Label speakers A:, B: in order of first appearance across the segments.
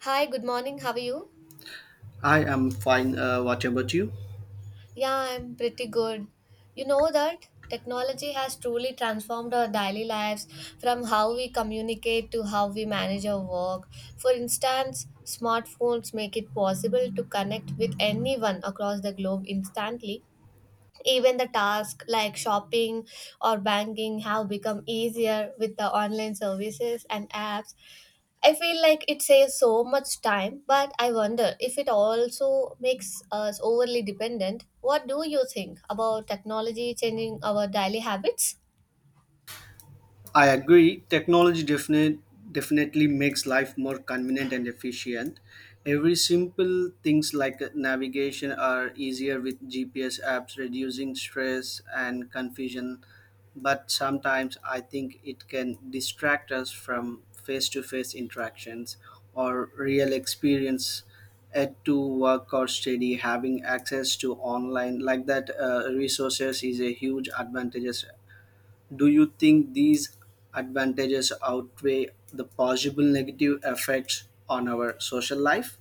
A: Hi, good morning. How are you?
B: I am fine. What about you?
A: Yeah, I'm pretty good. You know that technology has truly transformed our daily lives from how we communicate to how we manage our work. For instance, smartphones make it possible to connect with anyone across the globe instantly. Even the tasks like shopping or banking have become easier with the online services and apps. I feel like it saves so much time, but I wonder if it also makes us overly dependent. What do you think about technology changing our daily habits?
B: I agree. Definitely makes life more convenient and efficient. Every simple things like navigation are easier with GPS apps, reducing stress and confusion. But sometimes I think it can distract us from face to face interactions or real experience at to work or study. Having access to online like that resources is a huge advantages. Do you think these advantages outweigh the possible negative effects on our social life?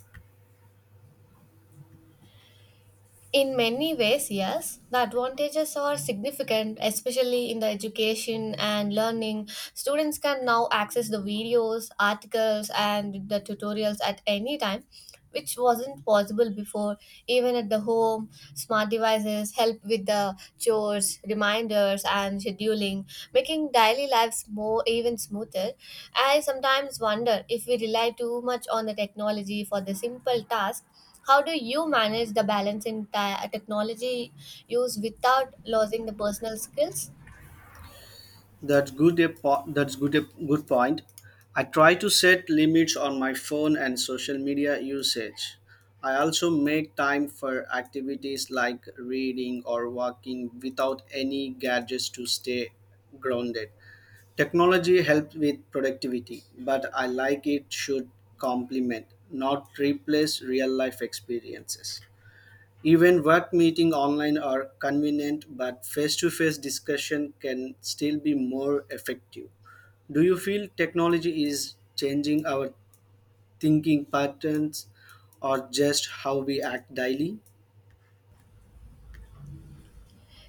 A: In many ways, yes, the advantages are significant, especially in the education and learning. Students can now access the videos, articles, and the tutorials at any time, which wasn't possible before. Even at the home, smart devices help with the chores, reminders, and scheduling, making daily lives more even smoother. I sometimes wonder if we rely too much on the technology for the simple task. How do you manage the balance in technology use without losing the personal skills?
B: That's good. A good point. I try to set limits on my phone and social media usage. I also make time for activities like reading or walking without any gadgets to stay grounded. Technology helps with productivity, but I like it should complement, not replace real life experiences. Even work meeting online are convenient, but face-to-face discussion can still be more effective. Do you feel technology is changing our thinking patterns or just how we act daily?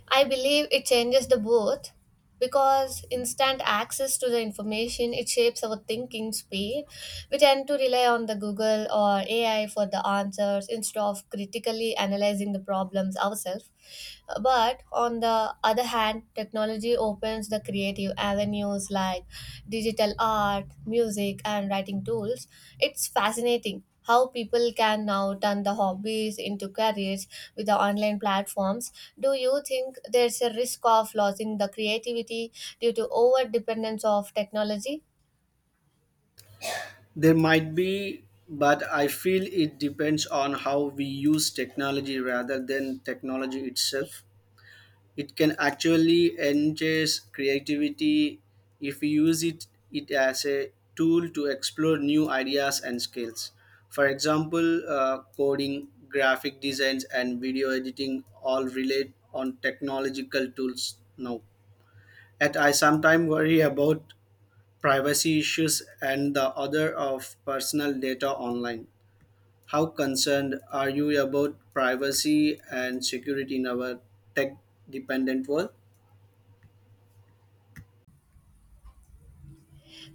A: I believe it changes the both, because instant access to the information it shapes our thinking speed. We tend to rely on the Google or AI for the answers instead of critically analyzing the problems ourselves, but on the other hand technology opens the creative avenues like digital art, music and writing tools. It's fascinating how people can now turn the hobbies into careers with the online platforms. Do you think there's a risk of losing the creativity due to over dependence of technology?
B: There might be, but I feel it depends on how we use technology rather than technology itself. It can actually enhance creativity if we use it as a tool to explore new ideas and skills. For example, coding, graphic designs, and video editing all relate on technological tools now. Yet, I sometimes worry about privacy issues and the other of personal data online. How concerned are you about privacy and security in our tech dependent world?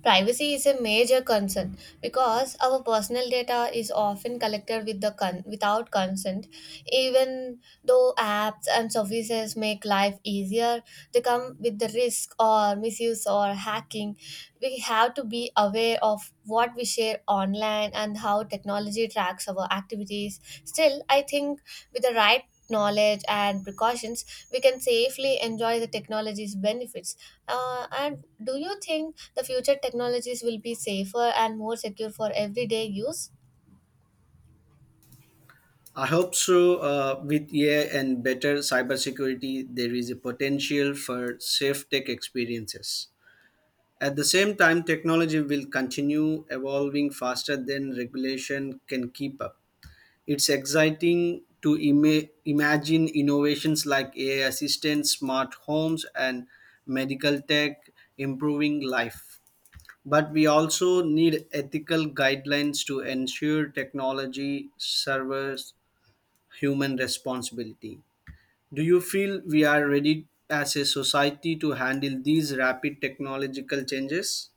A: Privacy is a major concern because our personal data is often collected with the without consent. Even though apps and services make life easier, they come with the risk or misuse or hacking. We have to be aware of what we share online and how technology tracks our activities. Still, I think with the right knowledge and precautions, we can safely enjoy the technology's benefits. And do you think the future technologies will be safer and more secure for everyday use?
B: I hope so. With AI and better cybersecurity, there is a potential for safe tech experiences. At the same time, technology will continue evolving faster than regulation can keep up. It's exciting to ima- imagine innovations like AI assistants, smart homes, and medical tech improving life. But we also need ethical guidelines to ensure technology servers human responsibility. Do you feel we are ready as a society to handle these rapid technological changes?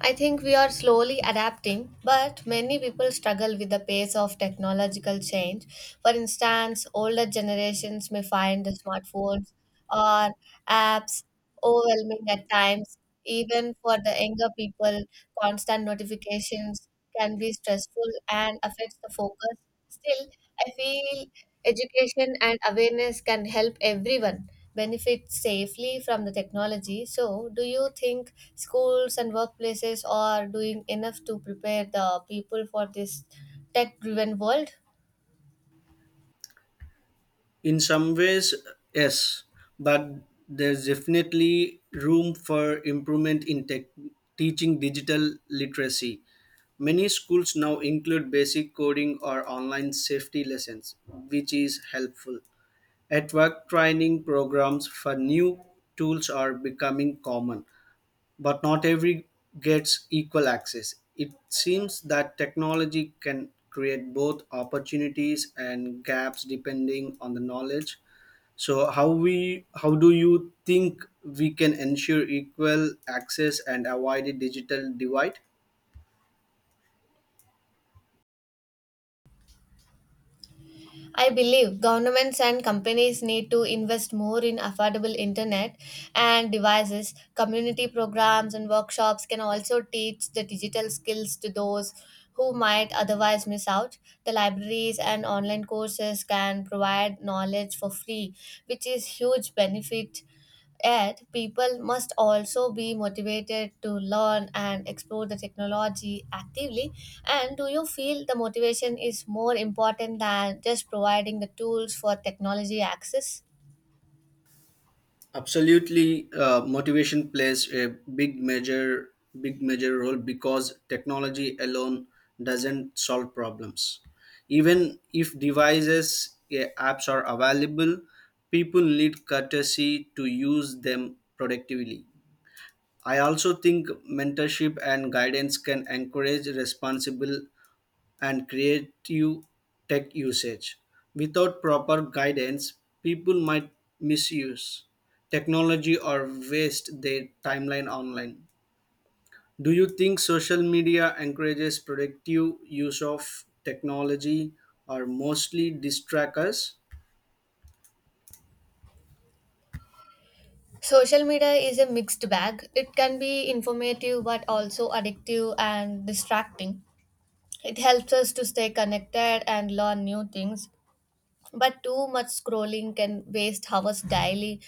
A: I think we are slowly adapting, but many people struggle with the pace of technological change. For instance, older generations may find the smartphones or apps overwhelming at times. Even for the younger people, constant notifications can be stressful and affects the focus. Still, I feel education and awareness can help everyone benefit safely from the technology. So, do you think schools and workplaces are doing enough to prepare the people for this tech driven world?
B: In some ways, yes, but there's definitely room for improvement in teaching digital literacy. Many schools now include basic coding or online safety lessons, which is helpful. At work, training programs for new tools are becoming common but not every gets equal access. It seems that technology can create both opportunities and gaps depending on the knowledge. So how do you think we can ensure equal access and avoid a digital divide?
A: I believe governments and companies need to invest more in affordable internet and devices. Community programs and workshops can also teach the digital skills to those who might otherwise miss out. The libraries and online courses can provide knowledge for free, which is huge benefit. Yet, people must also be motivated to learn and explore the technology actively. And do you feel the motivation is more important than just providing the tools for technology access?
B: Absolutely, motivation plays a big major big major role because technology alone doesn't solve problems. Even if devices apps are available, people need courtesy to use them productively. I also think mentorship and guidance can encourage responsible and creative tech usage. Without proper guidance, people might misuse technology or waste their timeline online. Do you think social media encourages productive use of technology or mostly distract us?
A: Social media is a mixed bag. It can be informative but also addictive and distracting. It helps us to stay connected and learn new things, but too much scrolling can waste hours daily.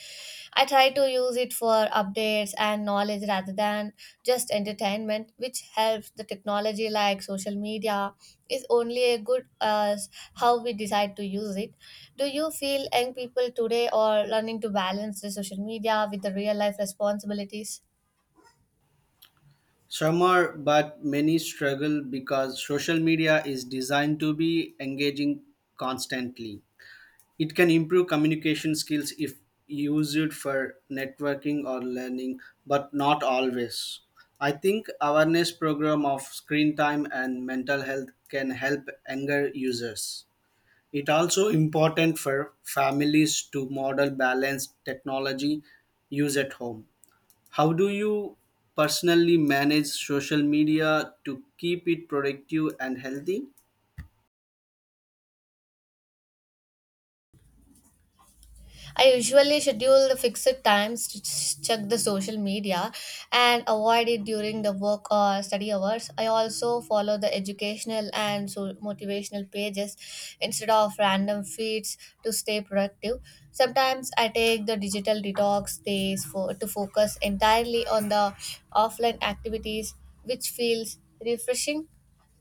A: I try to use it for updates and knowledge rather than just entertainment, which helps the technology like social media is only as good as how we decide to use it. Do you feel young people today are learning to balance the social media with the real life responsibilities?
B: Some are, but many struggle because social media is designed to be engaging constantly. It can improve communication skills if used for networking or learning, but not always. I think awareness program of screen time and mental health can help younger users. It also important for families to model balanced technology use at home. How do you personally manage social media to keep it productive and healthy?
A: I usually schedule the fixed times to check the social media and avoid it during the work or study hours. I also follow the educational and so motivational pages instead of random feeds to stay productive. Sometimes I take the digital detox days for to focus entirely on the offline activities, which feels refreshing.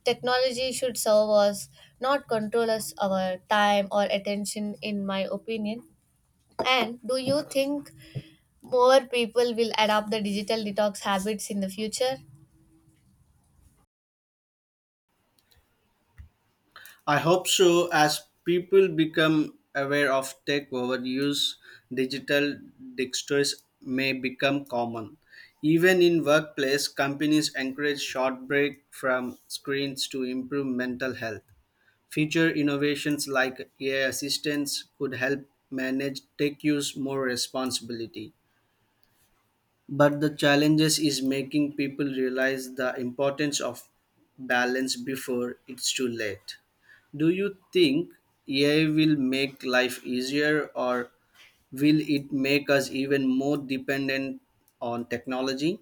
A: Technology should serve us, not control us our time or attention, in my opinion. And do you think more people will adopt the digital detox habits in the future?
B: I hope so. As people become aware of tech overuse, digital dexters may become common. Even in workplace, companies encourage short break from screens to improve mental health. Future innovations like AI assistants could help manage tech use more responsibility. But the challenges is making people realize the importance of balance before it's too late. Do you think AI will make life easier or will it make us even more dependent on technology?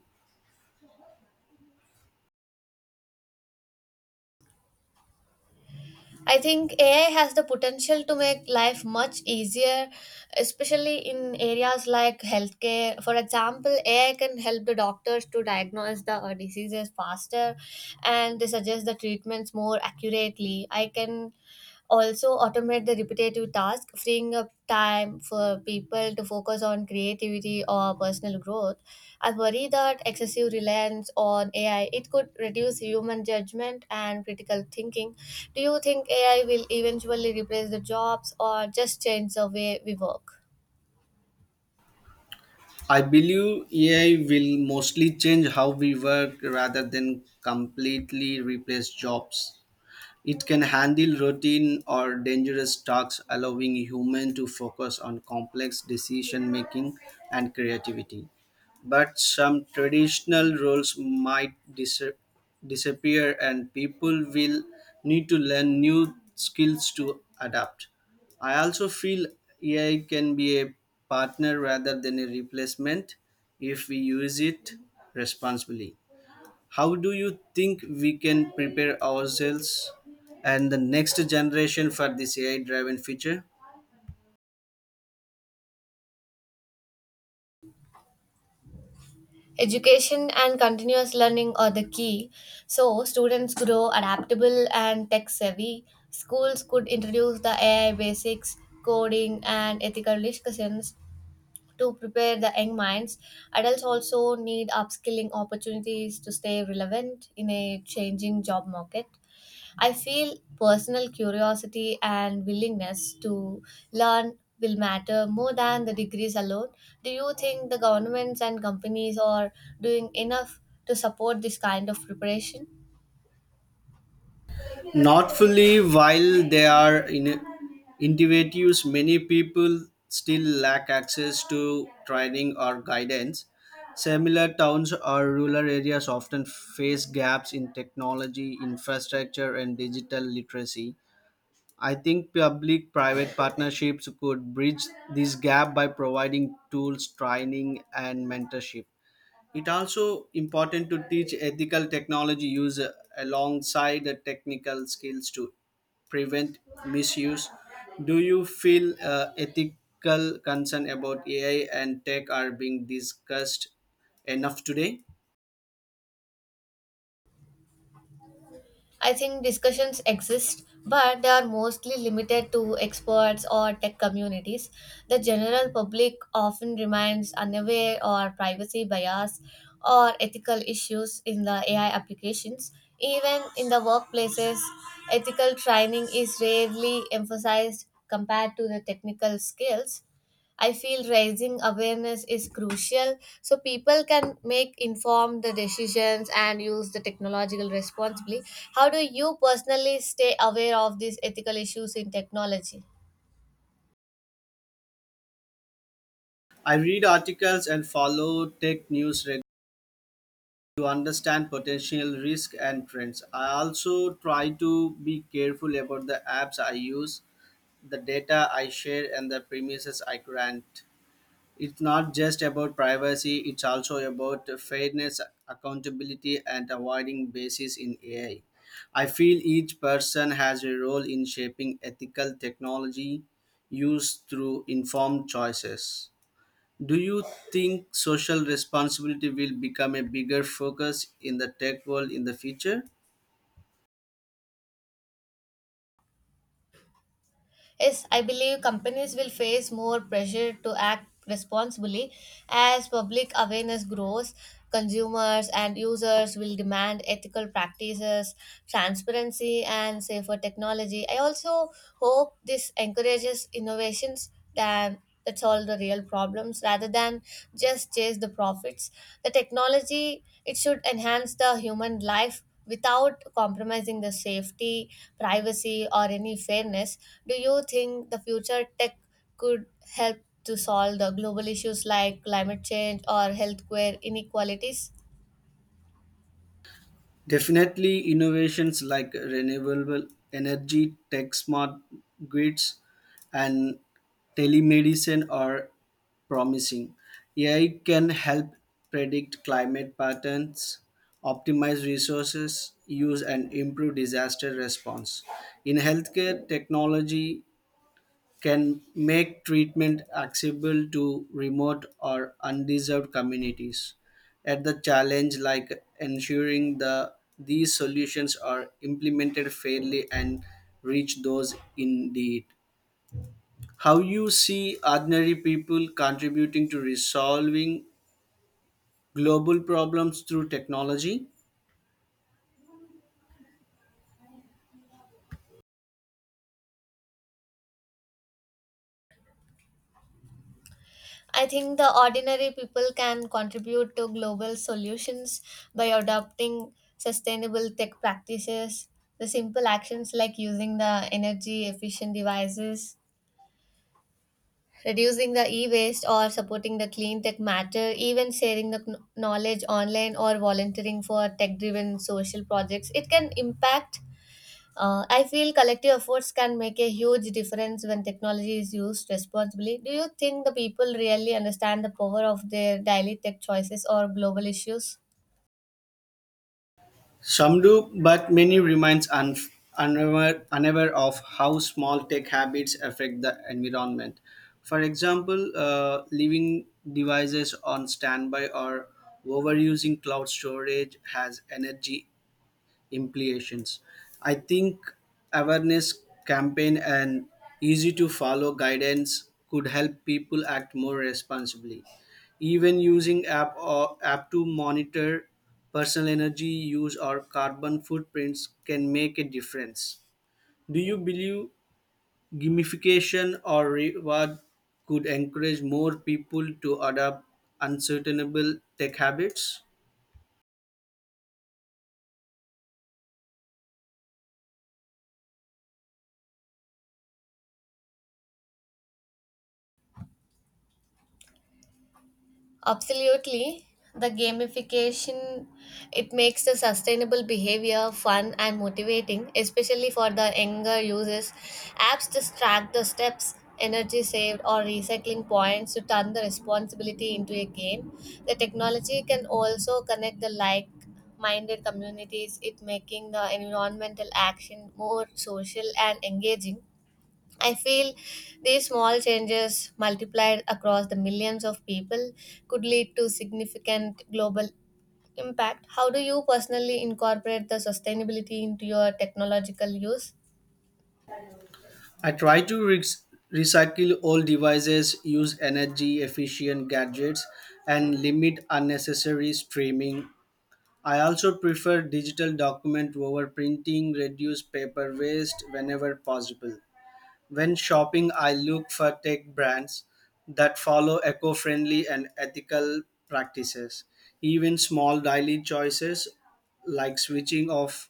A: I think AI has the potential to make life much easier, especially in areas like healthcare. For example, AI can help the doctors to diagnose the diseases faster and they suggest the treatments more accurately. I can also automate the repetitive task freeing up time for people to focus on creativity or personal growth. I worry that excessive reliance on AI it could reduce human judgment and critical thinking. Do you think AI will eventually replace the jobs or just change the way we work?
B: I believe AI will mostly change how we work rather than completely replace jobs. It can handle routine or dangerous tasks, allowing humans to focus on complex decision making and creativity. But some traditional roles might disappear, and people will need to learn new skills to adapt. I also feel AI can be a partner rather than a replacement if we use it responsibly. How do you think we can prepare ourselves and the next generation for this AI driven future?
A: Education and continuous learning are the key, so students grow adaptable and tech savvy. Schools could introduce the AI basics, coding, and ethical discussions to prepare the young minds. Adults also need upskilling opportunities to stay relevant in a changing job market. I feel personal curiosity and willingness to learn will matter more than the degrees alone. Do you think the governments and companies are doing enough to support this kind of preparation?
B: Not fully, while they are in innovatives, many people still lack access to training or guidance. Similar towns or rural areas often face gaps in technology, infrastructure, and digital literacy. I think public private partnerships could bridge this gap by providing tools, training, and mentorship. It also important to teach ethical technology use alongside the technical skills to prevent misuse. Do you feel ethical concern about AI and tech are being discussed enough today?
A: I think discussions exist, but they are mostly limited to experts or tech communities. The general public often remains unaware or privacy bias or ethical issues in the AI applications. Even in the workplaces, ethical training is rarely emphasized compared to the technical skills. I feel raising awareness is crucial so people can make informed decisions and use the technological responsibly. How do you personally stay aware of these ethical issues in technology?
B: I read articles and follow tech news to understand potential risk and trends. I also try to be careful about the apps I use, the data I share, and the premises I grant. It's not just about privacy, it's also about fairness, accountability, and avoiding biases in AI. I feel each person has a role in shaping ethical technology use through informed choices. Do you think social responsibility will become a bigger focus in the tech world in the future?
A: Yes, I believe companies will face more pressure to act responsibly as public awareness grows. Consumers and users will demand ethical practices, transparency, and safer technology. I also hope this encourages innovations that solve the real problems rather than just chase the profits. The technology it should enhance the human life without compromising the safety, privacy, or any fairness. Do you think the future tech could help to solve the global issues like climate change or healthcare inequalities?
B: Definitely, innovations like renewable energy, tech smart grids, and telemedicine are promising. AI can help predict climate patterns, optimize resources use, and improve disaster response. In healthcare, technology can make treatment accessible to remote or undeserved communities at the challenge like ensuring the these solutions are implemented fairly and reach those in need. How you see ordinary people contributing to resolving global problems through technology?
A: I think the ordinary people can contribute to global solutions by adopting sustainable tech practices. The simple actions like using the energy efficient devices, reducing the e waste or supporting the clean tech matter, even sharing the knowledge online or volunteering for tech driven social projects, it can impact. I feel collective efforts can make a huge difference when technology is used responsibly. Do you think the people really understand the power of their daily tech choices or global issues?
B: Some do, but many remains unaware of how small tech habits affect the environment. For example, leaving devices on standby or overusing cloud storage has energy implications. I think awareness campaign and easy to follow guidance could help people act more responsibly. Even using app or app to monitor personal energy use or carbon footprints can make a difference. Do you believe gamification or reward could encourage more people to adopt unsustainable tech habits?
A: Absolutely. The gamification it makes the sustainable behavior fun and motivating, especially for the younger users. Apps just track the steps, energy saved, or recycling points to turn the responsibility into a game. The technology can also connect the like minded communities, it making the environmental action more social and engaging. I feel these small changes multiplied across the millions of people could lead to significant global impact. How do you personally incorporate the sustainability into your technological use?
B: I try to re- recycle old devices, use energy efficient gadgets, and limit unnecessary streaming. I also prefer digital document over printing, reduce paper waste whenever possible. When shopping, I look for tech brands that follow eco friendly and ethical practices. Even small daily choices like switching off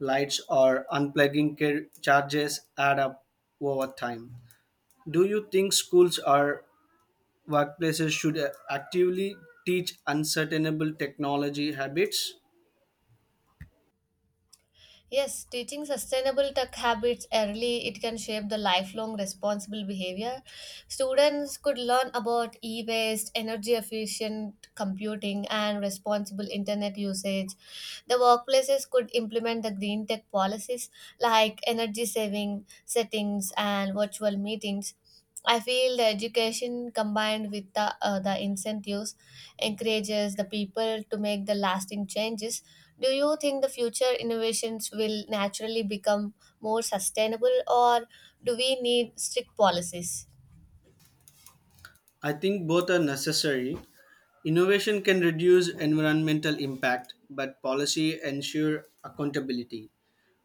B: lights or charges add up over time. Do you think schools or workplaces should actively teach unsustainable technology habits?
A: Yes, teaching sustainable tech habits early, it can shape the lifelong responsible behavior. Students could learn about e-waste, energy efficient computing, and responsible internet usage. The workplaces could implement the green tech policies like energy saving settings and virtual meetings. I feel the education combined with the incentives encourages the people to make the lasting changes. Do you think the future innovations will naturally become more sustainable, or do we need strict policies?
B: I think both are necessary. Innovation can reduce environmental impact, but policy ensure accountability.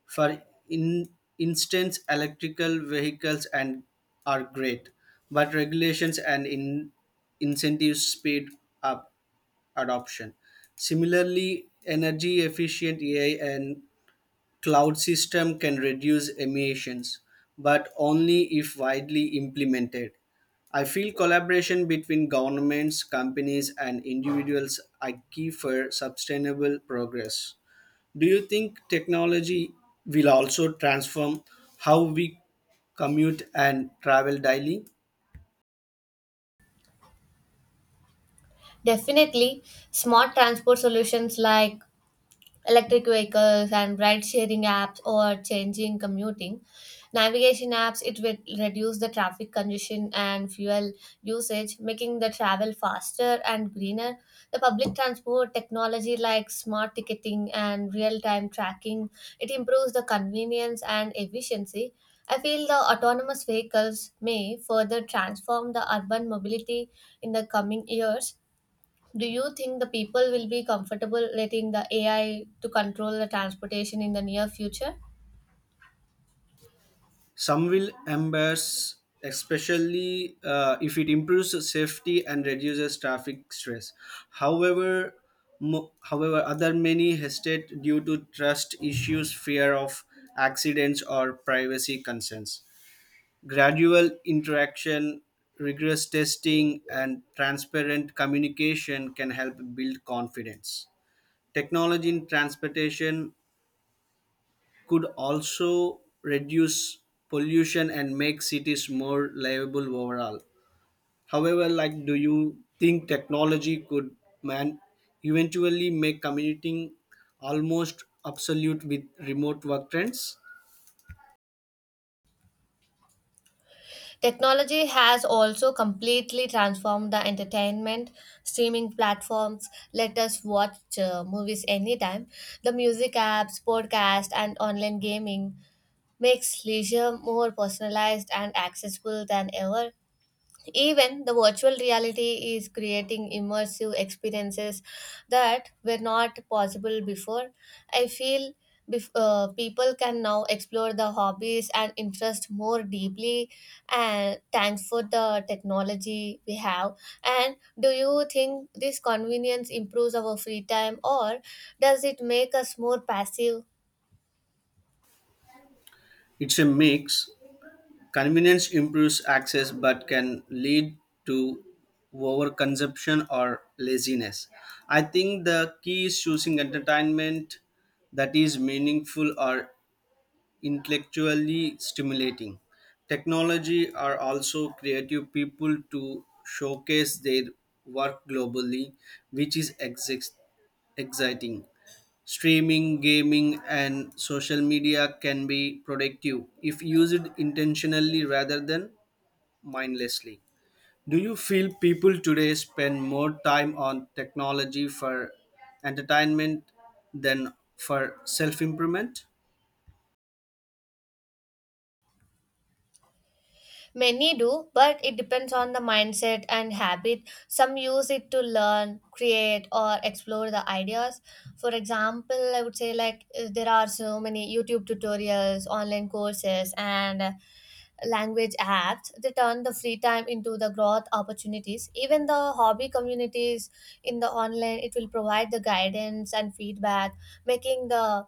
B: For in instance, electrical vehicles and are great, but regulations and in incentives speed up adoption. Similarly, energy efficient AI and Cloud system can reduce emissions, but only if widely implemented. I feel collaboration between governments, companies, and individuals are key for sustainable progress. Do you think technology will also transform how we commute and travel daily?
A: Definitely, smart transport solutions like electric vehicles and ride sharing apps or changing commuting navigation apps it will reduce the traffic congestion and fuel usage, making the travel faster and greener. The public transport technology like smart ticketing and real time tracking, it improves the convenience and efficiency. I feel the autonomous vehicles may further transform the urban mobility in the coming years. Do you think the people will be comfortable letting the AI to control the transportation in the near future?
B: Some will embrace, especially if it improves safety and reduces traffic stress. However, However, other many hesitate due to trust issues, fear of accidents, or privacy concerns. Gradual interaction, rigorous testing, and transparent communication can help build confidence. Technology in transportation could also reduce pollution and make cities more livable overall. However, like do you think technology could man eventually make commuting almost obsolete with remote work trends?
A: Technology has also completely transformed the entertainment. Streaming platforms let us watch movies anytime. The music apps, podcast, and online gaming makes leisure more personalized and accessible than ever. Even the virtual reality is creating immersive experiences that were not possible before. I feel people can now explore the hobbies and interest more deeply, and thanks for the technology we have. And do you think this convenience improves our free time, or does it make us more passive?
B: It's a mix. Convenience improves access but can lead to overconsumption or laziness. I think the key is choosing entertainment that is meaningful or intellectually stimulating. Technology are also creative people to showcase their work globally, which is exciting. Streaming, gaming, and social media can be productive if used intentionally rather than mindlessly. Do you feel people today spend more time on technology for entertainment than for self improvement?
A: Many do, but it depends on the mindset and habit. Some use it to learn, create, or explore the ideas. For example, I would say like there are so many YouTube tutorials, online courses, and language apps. They turn the free time into the growth opportunities. Even the hobby communities in the online, it will provide the guidance and feedback, making the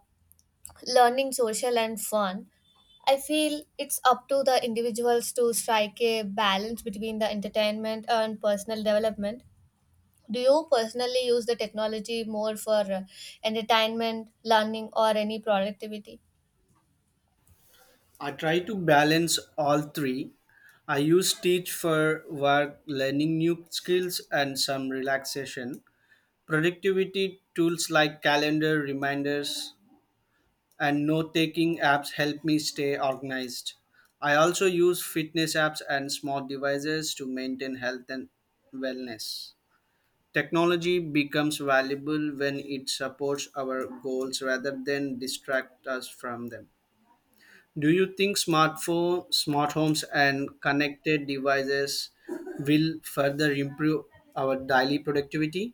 A: learning social and fun. I feel it's up to the individuals to strike a balance between the entertainment and personal development. Do you personally use the technology more for entertainment, learning, or any productivity?
B: I try to balance all three. I use teach for work, learning new skills, and some relaxation. Productivity tools like calendar reminders and note taking apps help me stay organized. I also use fitness apps and smart devices to maintain health and wellness. Technology becomes valuable when it supports our goals rather than distract us from them. Do you think smartphone, smart homes, and connected devices will further improve our daily productivity?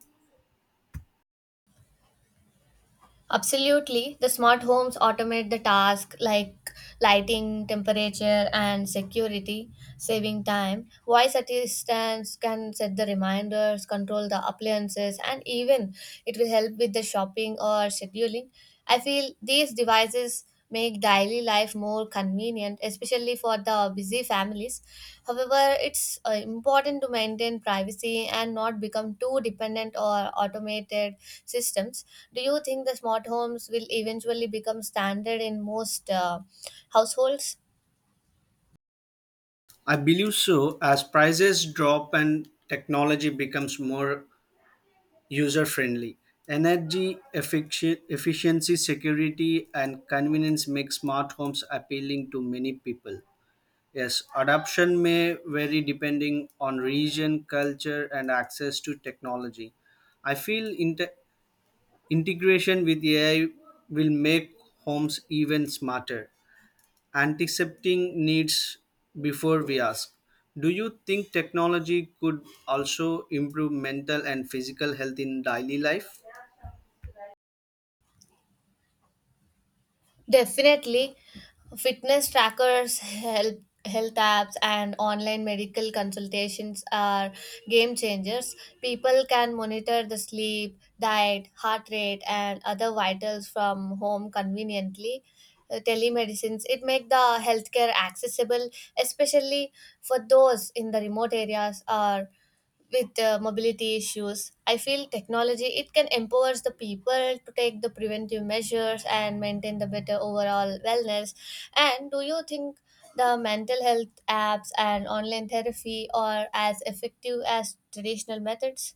A: Absolutely. The smart homes automate the task like lighting, temperature, and security, saving time. Voice assistants can set the reminders, control the appliances, and even it will help with the shopping or scheduling. I feel these devices make daily life more convenient, especially for the busy families. However, it's important to maintain privacy and not become too dependent or automated systems. Do you think the smart homes will eventually become standard in most households?
B: I believe so, as prices drop and technology becomes more user friendly. Efficiency, security, and convenience make smart homes appealing to many people. Yes, adoption may vary depending on region, culture, and access to technology. I feel inte- Integration with AI will make homes even smarter, anticipating needs before we ask. Do you think technology could also improve mental and physical health in daily life?
A: Definitely, fitness trackers, help, health apps, and online medical consultations are game changers. People can monitor the sleep, diet, heart rate, and other vitals from home conveniently. Telemedicines it make the healthcare accessible, especially for those in the remote areas or with mobility issues. I feel technology it can empower the people to take the preventive measures and maintain the better overall wellness. And do you think the mental health apps and online therapy are as effective as traditional methods?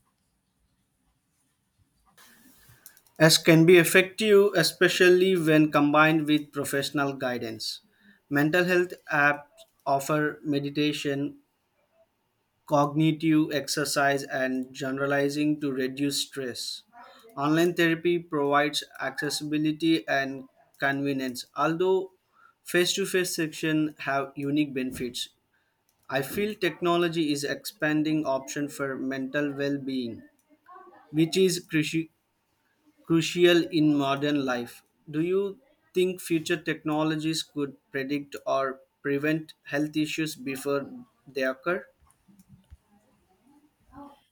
B: As can be effective, especially when combined with professional guidance. Mental health apps offer meditation, cognitive exercise and generalizing to reduce stress. Online therapy provides accessibility and convenience, although face-to-face sessions have unique benefits. I feel technology is expanding option for mental well-being, which is crucial in modern life. Do you think future technologies could predict or prevent health issues before they occur?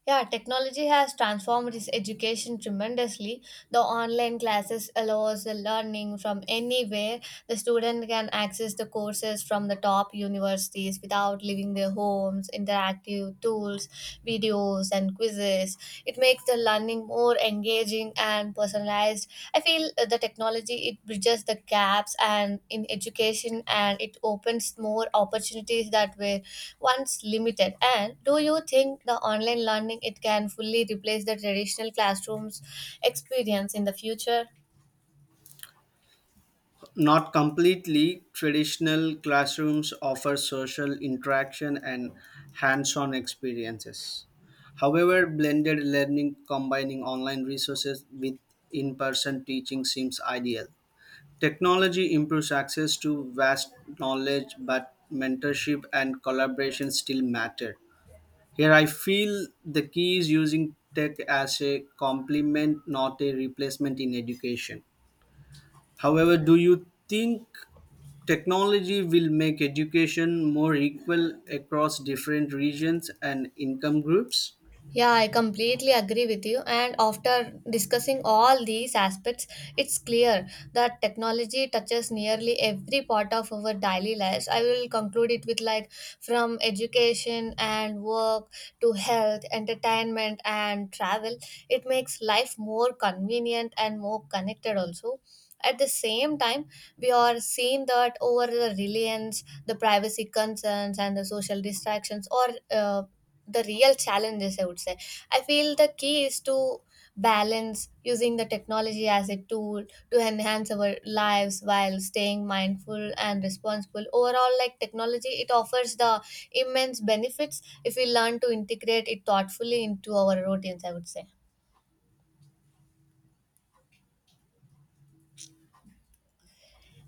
A: Yeah, technology has transformed this education tremendously. The online classes allows the learning from anywhere. The student can access the courses from the top universities without leaving their homes, interactive tools, videos and quizzes. It makes the learning more engaging and personalized. I feel the technology it bridges the gaps and in education and it opens more opportunities that were once limited. And do you think the online learning it can fully replace the traditional classrooms experience in the future?
B: Not completely, traditional classrooms offer social interaction and hands on experiences. However, blended learning combining online resources with in person teaching seems ideal. Technology improves access to vast knowledge, but mentorship and collaboration still matter. Here, I feel the key is using tech as a complement, not a replacement in education. However, do you think technology will make education more equal across different regions and income groups?
A: Yeah, I completely agree with you. And after discussing all these aspects, it's clear that technology touches nearly every part of our daily lives. I will conclude it with like from education and work to health, entertainment, and travel. It makes life more convenient and more connected also. At the same time, we are seeing that over the reliance, the privacy concerns, and the social distractions or the real challenges, I would say. I feel the key is to balance using the technology as a tool to enhance our lives while staying mindful and responsible. Overall, like, technology it offers the immense benefits if we learn to integrate it thoughtfully into our routines, I would say.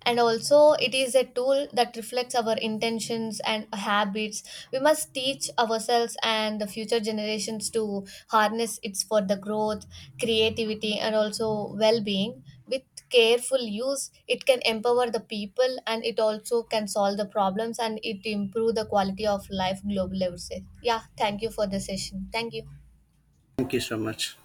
A: And also it is a tool that reflects our intentions and habits. We must teach ourselves and the future generations to harness its for the growth, creativity and also well-being. With careful use it can empower the people and it also can solve the problems and it improve the quality of life globally, I would say. Yeah, thank you for the session. Thank you.
B: Thank you so much.